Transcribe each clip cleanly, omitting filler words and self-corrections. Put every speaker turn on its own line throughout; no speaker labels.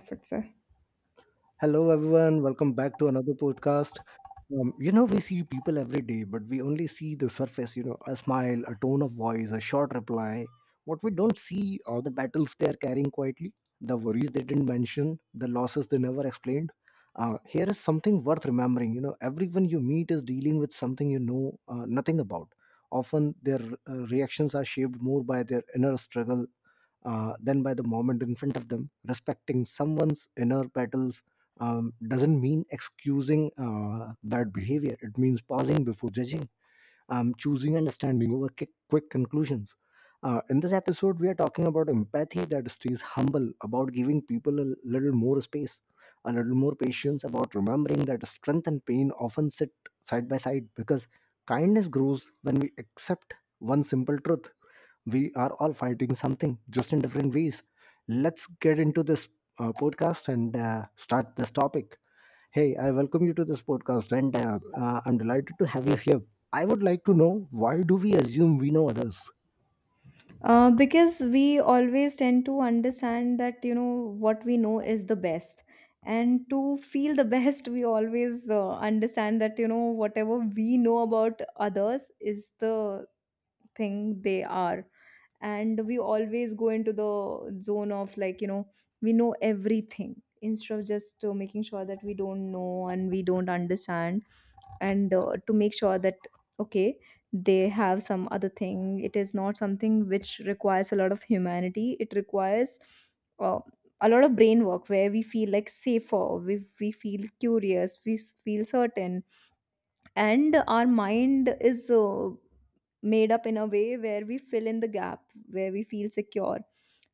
Comfort, sir.
Hello, everyone. Welcome back to another podcast. We see people every day, but we only see the surface, you know, a smile, a tone of voice, a short reply. What we don't see are the battles they are carrying quietly, the worries they didn't mention, the losses they never explained. Here is something worth remembering. You know, everyone you meet is dealing with something nothing about. Often their reactions are shaped more by their inner struggle than by the moment in front of them. Respecting someone's inner battles doesn't mean excusing bad behavior. It means pausing before judging, choosing understanding over quick conclusions. In this episode, we are talking about empathy that stays humble, about giving people a little more space, a little more patience, about remembering that strength and pain often sit side by side because kindness grows when we accept one simple truth. We are all fighting something, just in different ways. Let's get into this podcast and start this topic. Hey, I welcome you to this podcast, and I'm delighted to have you here. I would like to know, why do we assume we know others?
Because we always tend to understand that what we know is the best, and to feel the best, we always understand that whatever we know about others is the thing they are. And we always go into the zone of we know everything, instead of just making sure that we don't know and we don't understand, and to make sure that okay, they have some other thing. It is not something which requires a lot of humanity, it requires uh, a lot of brain work, where we feel like safer, we feel curious, we feel certain, and our mind is made up in a way where we fill in the gap, where we feel secure,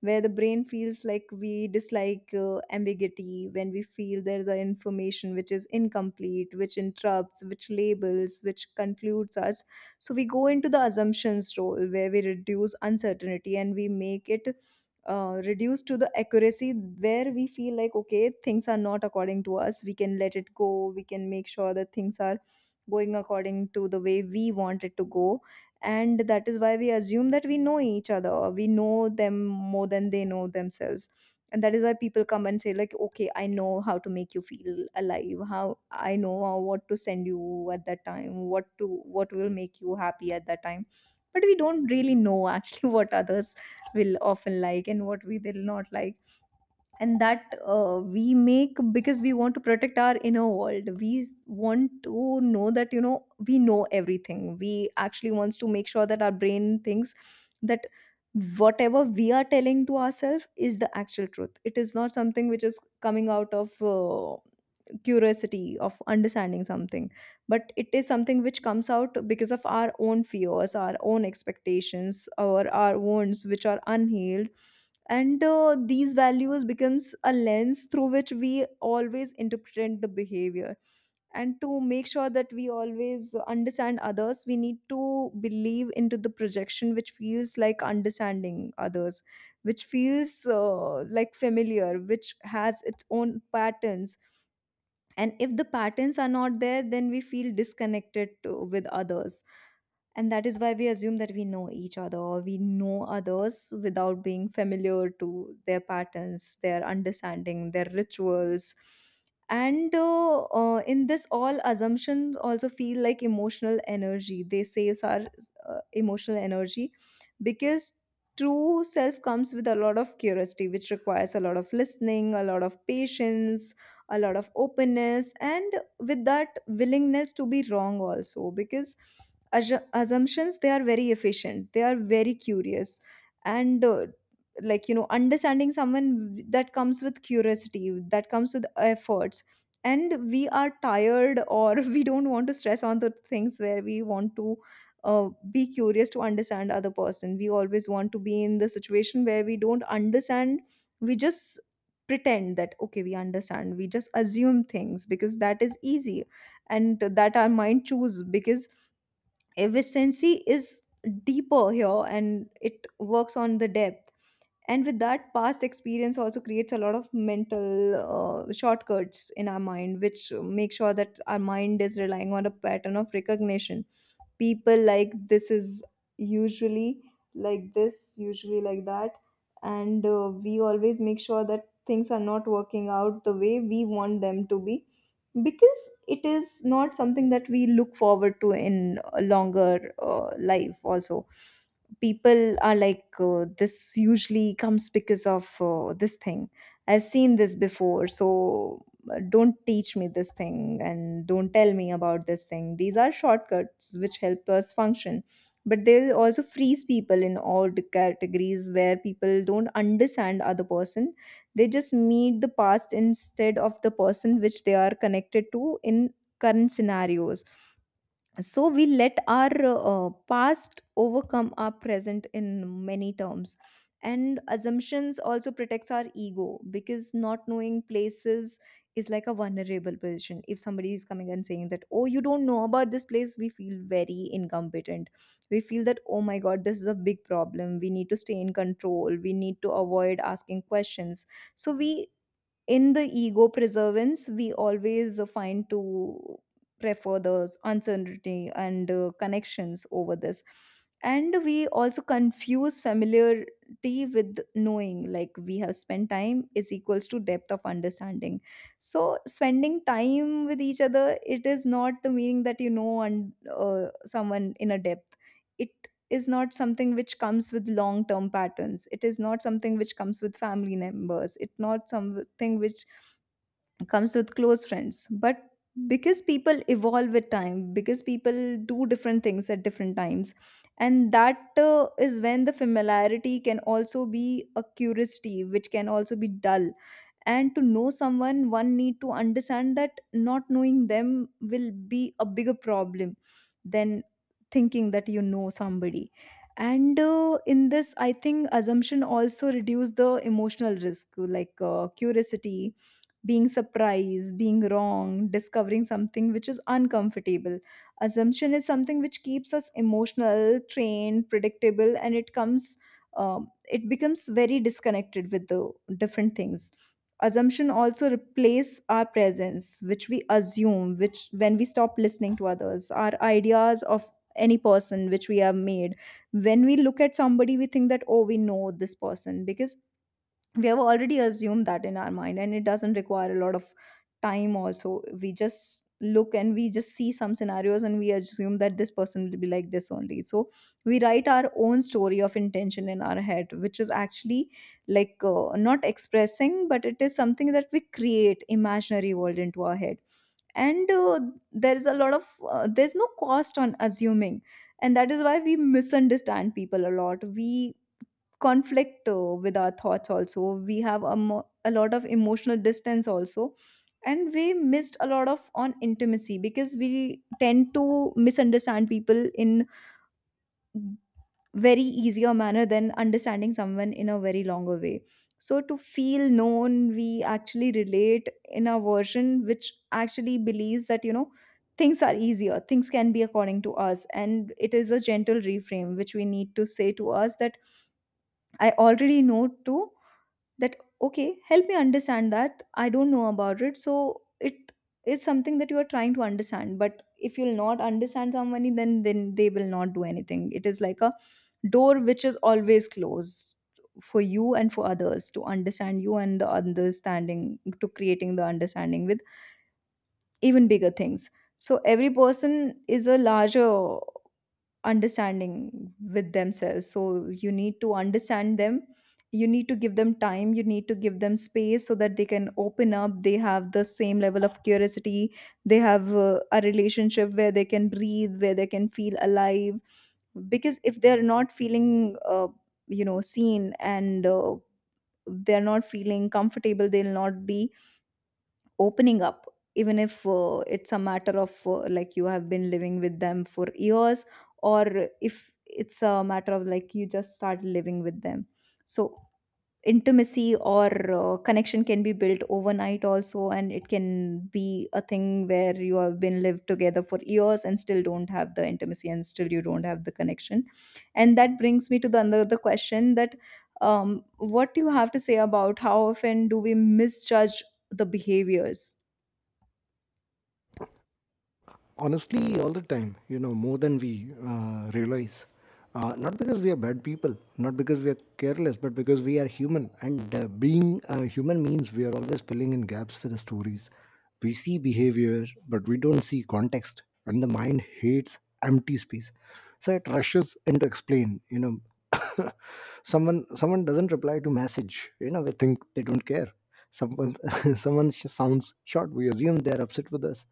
where the brain feels like we dislike ambiguity. When we feel there's the information which is incomplete, which interrupts, which labels, which concludes us, so we go into the assumptions role where we reduce uncertainty and we make it, reduce to the accuracy where we feel like okay, things are not according to us, we can let it go, we can make sure that things are going according to the way we want it to go. And that is why we assume that we know each other, or we know them more than they know themselves. And that is why people come and say like okay, I know how to make you feel alive, how I know what to send you at that time, what to, what will make you happy at that time. But we don't really know actually what others will often like and what we will not like. And that we make because we want to protect our inner world, we want to know that we know everything. We actually wants to make sure that our brain thinks that whatever we are telling to ourselves is the actual truth. It is not something which is coming out of curiosity of understanding something, but it is something which comes out because of our own fears, our own expectations, or our wounds which are unhealed. And these values becomes a lens through which we always interpret the behavior. And to make sure that we always understand others, we need to believe into the projection which feels like understanding others, which feels like familiar, which has its own patterns. And if the patterns are not there, then we feel disconnected to, with others. And that is why we assume that we know each other, or we know others without being familiar to their patterns, their understanding, their rituals. And in this all, assumptions also feel like emotional energy. They saves our emotional energy, because true self comes with a lot of curiosity, which requires a lot of listening, a lot of patience, a lot of openness, and with that willingness to be wrong also. Because assumptions they are very efficient, they are very curious. And understanding someone, that comes with curiosity, that comes with efforts. And we are tired, or we don't want to stress on the things where we want to be curious to understand other person. We always want to be in the situation where we don't understand, we just pretend that okay, we understand, we just assume things because that is easy. And that our mind choose, because efficiency is deeper here and it works on the depth. And with that, past experience also creates a lot of mental shortcuts in our mind, which make sure that our mind is relying on a pattern of recognition. People like this is usually, like this usually like that. And we always make sure that things are not working out the way we want them to be, because it is not something that we look forward to in a longer life also. People are like this usually comes because of this thing, I've seen this before, so don't teach me this thing and don't tell me about this thing. These are shortcuts which help us function. But they also freeze people in all the categories where people don't understand other person. They just meet the past instead of the person which they are connected to in current scenarios. So we let our past overcome our present in many terms. And assumptions also protects our ego, because not knowing places is like a vulnerable position. If somebody is coming and saying that oh, you don't know about this place, we feel very incompetent, we feel that oh my god, this is a big problem, we need to stay in control, we need to avoid asking questions. So we, in the ego preservance, we always find to prefer the uncertainty and connections over this. And we also confuse familiarity with knowing, like we have spent time is equals to depth of understanding. So spending time with each other, it is not the meaning that you know and someone in a depth. It is not something which comes with long term patterns, it is not something which comes with family members, it's not something which comes with close friends. But because people evolve with time, because people do different things at different times, and that is when the familiarity can also be a curiosity, which can also be dull. And to know someone, one need to understand that not knowing them will be a bigger problem than thinking that you know somebody. And in this, I think assumption also reduce the emotional risk, like curiosity, being surprised, being wrong, discovering something which is uncomfortable. Assumption is something which keeps us emotional, trained, predictable, and it comes, it becomes very disconnected with the different things. Assumption also replace our presence, which we assume, which when we stop listening to others, our ideas of any person which we have made. When we look at somebody, we think that oh, we know this person, because we have already assumed that in our mind, and it doesn't require a lot of time also. We just look and we just see some scenarios and we assume that this person will be like this only. So we write our own story of intention in our head, which is actually like not expressing, but it is something that we create imaginary world into our head. And there's a lot of there's no cost on assuming, and that is why we misunderstand people a lot. We conflict with our thoughts also, we have a lot of emotional distance also, and we missed a lot of on intimacy, because we tend to misunderstand people in very easier manner than understanding someone in a very longer way. So to feel known, we actually relate in a version which actually believes that you know, things are easier, things can be according to us. And it is a gentle reframe which we need to say to us, that I already know too, that okay, help me understand that I don't know about it. So it is something that you are trying to understand, but if you'll not understand somebody, then they will not do anything. It is like a door which is always closed for you and for others to understand you, and the understanding to creating the understanding with even bigger things. So every person is a larger understanding with themselves, so you need to understand them, you need to give them time, you need to give them space, so that they can open up, they have the same level of curiosity, they have a relationship where they can breathe, where they can feel alive. Because if they're not feeling seen, and they're not feeling comfortable, they'll not be opening up. Even if it's a matter of like you have been living with them for years, or if it's a matter of like you just start living with them. So intimacy or connection can be built overnight also, and it can be a thing where you have been lived together for years and still don't have the intimacy, and still you don't have the connection. And that brings me to the another question, that what do you have to say about how often do we misjudge the behaviors?
Honestly, all the time, you know, more than we realize. Not because we are bad people, not because we are careless, but because we are human, and being human means we are always filling in gaps for the stories. We see behavior, but we don't see context, and the mind hates empty space. So it rushes in to explain, you know, someone doesn't reply to message, you know, we think they don't care. Someone sounds short, we assume they're upset with us.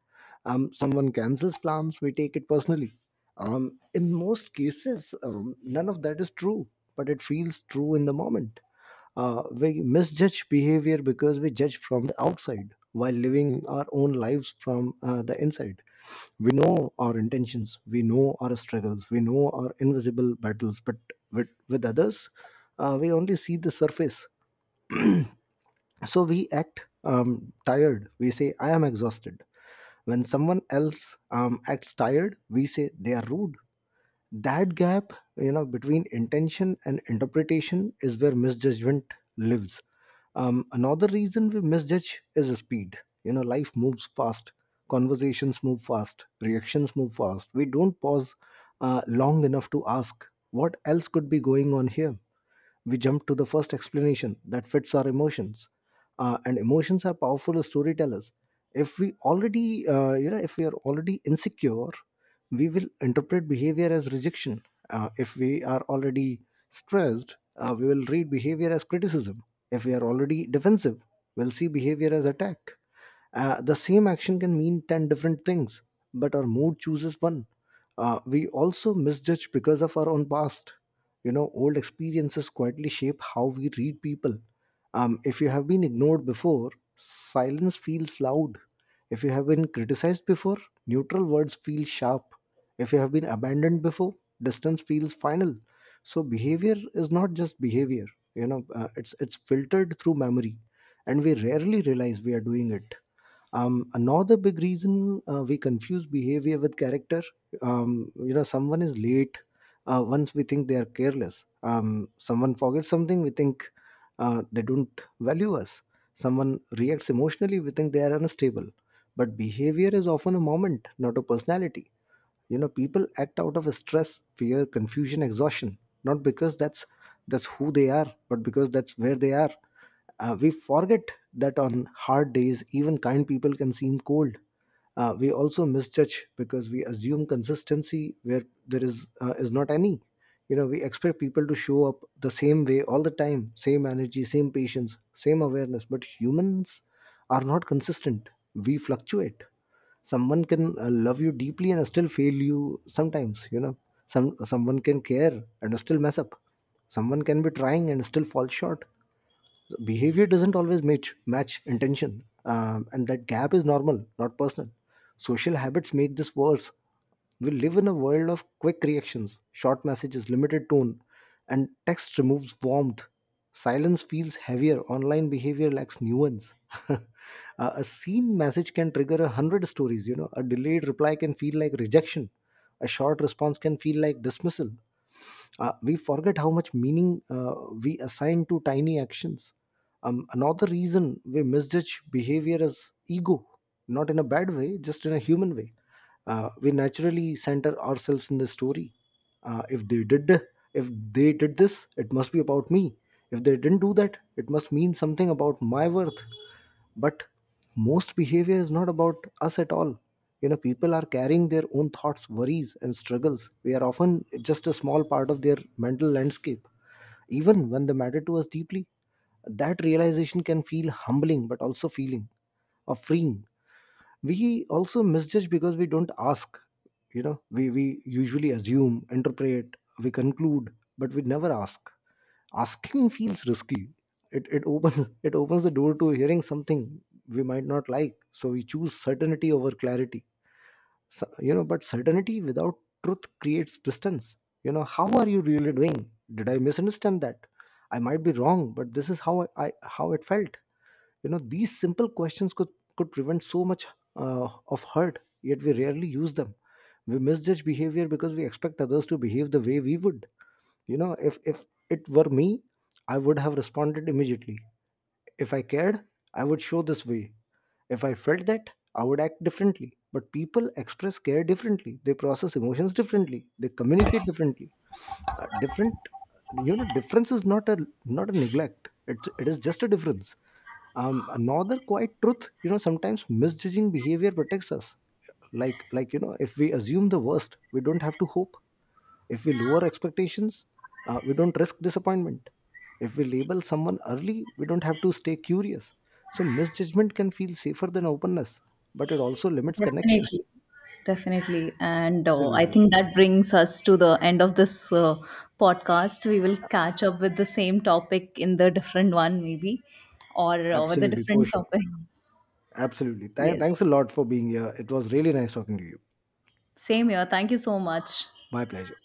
Someone cancels plans, we take it personally. In most cases, none of that is true, but it feels true in the moment. We misjudge behavior because we judge from the outside while living our own lives from the inside. We know our intentions, we know our struggles, we know our invisible battles, but with others, we only see the surface. So we act tired. We say, I am exhausted. When someone else acts tired, we say they are rude. That gap, you know, between intention and interpretation is where misjudgment lives. Another reason we misjudge is speed. You know, life moves fast, conversations move fast, reactions move fast. We don't pause long enough to ask, what else could be going on here? We jump to the first explanation that fits our emotions. And emotions are powerful storytellers. If we already if we are already insecure, we will interpret behavior as rejection. If we are already stressed, we will read behavior as criticism. If we are already defensive, we'll see behavior as attack. The same action can mean 10 different things, but our mood chooses one. We also misjudge because of our own past. You know, old experiences quietly shape how we read people. If you have been ignored before, silence feels loud. If you have been criticized before, neutral words feel sharp. If you have been abandoned before, distance feels final. So behavior is not just behavior. You know, it's filtered through memory, and we rarely realize we are doing it. Another big reason, we confuse behavior with character. You know, someone is late once, we think they are careless. Someone forgets something, we think they don't value us. Someone reacts emotionally, we think they are unstable. But behavior is often a moment, not a personality. You know, people act out of stress, fear, confusion, exhaustion, not because that's who they are, but because that's where they are. We forget that on hard days, even kind people can seem cold. We also misjudge because we assume consistency where there is not any. You know, we expect people to show up the same way all the time, same energy, same patience, same awareness. But humans are not consistent. We fluctuate. Someone can love you deeply and still fail you sometimes. You know, someone can care and still mess up. Someone can be trying and still fall short. Behavior doesn't always match intention. And that gap is normal, not personal. Social habits make this worse. We live in a world of quick reactions, short messages, limited tone, and text removes warmth. Silence feels heavier, online behavior lacks nuance. a a seen message can trigger a hundred stories. You know, a delayed reply can feel like rejection, a short response can feel like dismissal. We forget how much meaning we assign to tiny actions. Another reason we misjudge behavior is ego, not in a bad way, just in a human way. We naturally center ourselves in the story. Uh, if they did, if they did this, it must be about me. If they didn't do that, it must mean something about my worth. But most behavior is not about us at all. You know, people are carrying their own thoughts, worries and struggles. We are often just a small part of their mental landscape, even when they matter to us deeply. That realization can feel humbling, but also feeling or freeing. We also misjudge because we don't ask. You know, we usually assume, interpret, we conclude, but we never ask. Asking feels risky. It opens it opens the door to hearing something we might not like, so we choose certainty over clarity. So, you know, but certainty without truth creates distance. You know, how are you really doing? Did I misunderstand that? I might be wrong, but this is how I how it felt. You know, these simple questions could prevent so much of hurt, yet we rarely use them. We misjudge behavior because we expect others to behave the way we would. You know, if it were me, I would have responded immediately. If I cared, I would show this way. If I felt that, I would act differently. But people express care differently, they process emotions differently, they communicate differently. Different You know, difference is not a neglect. It's, it is just a difference. Um, another quiet truth, you know, sometimes misjudging behavior protects us. Like, you know, if we assume the worst, we don't have to hope. If we lower expectations, we don't risk disappointment. If we label someone early, we don't have to stay curious. So misjudgment can feel safer than openness, but it also limits connection.
Definitely, definitely. And I
Absolutely.
think that brings us to the end of this podcast. We will catch up with the same topic in the different one, maybe, or with a
Absolutely, for
different
sure.
topic.
Absolutely. Thanks a
Yes.
lot for being here. It was really nice talking to you.
Same here. Thank you so much.
My pleasure.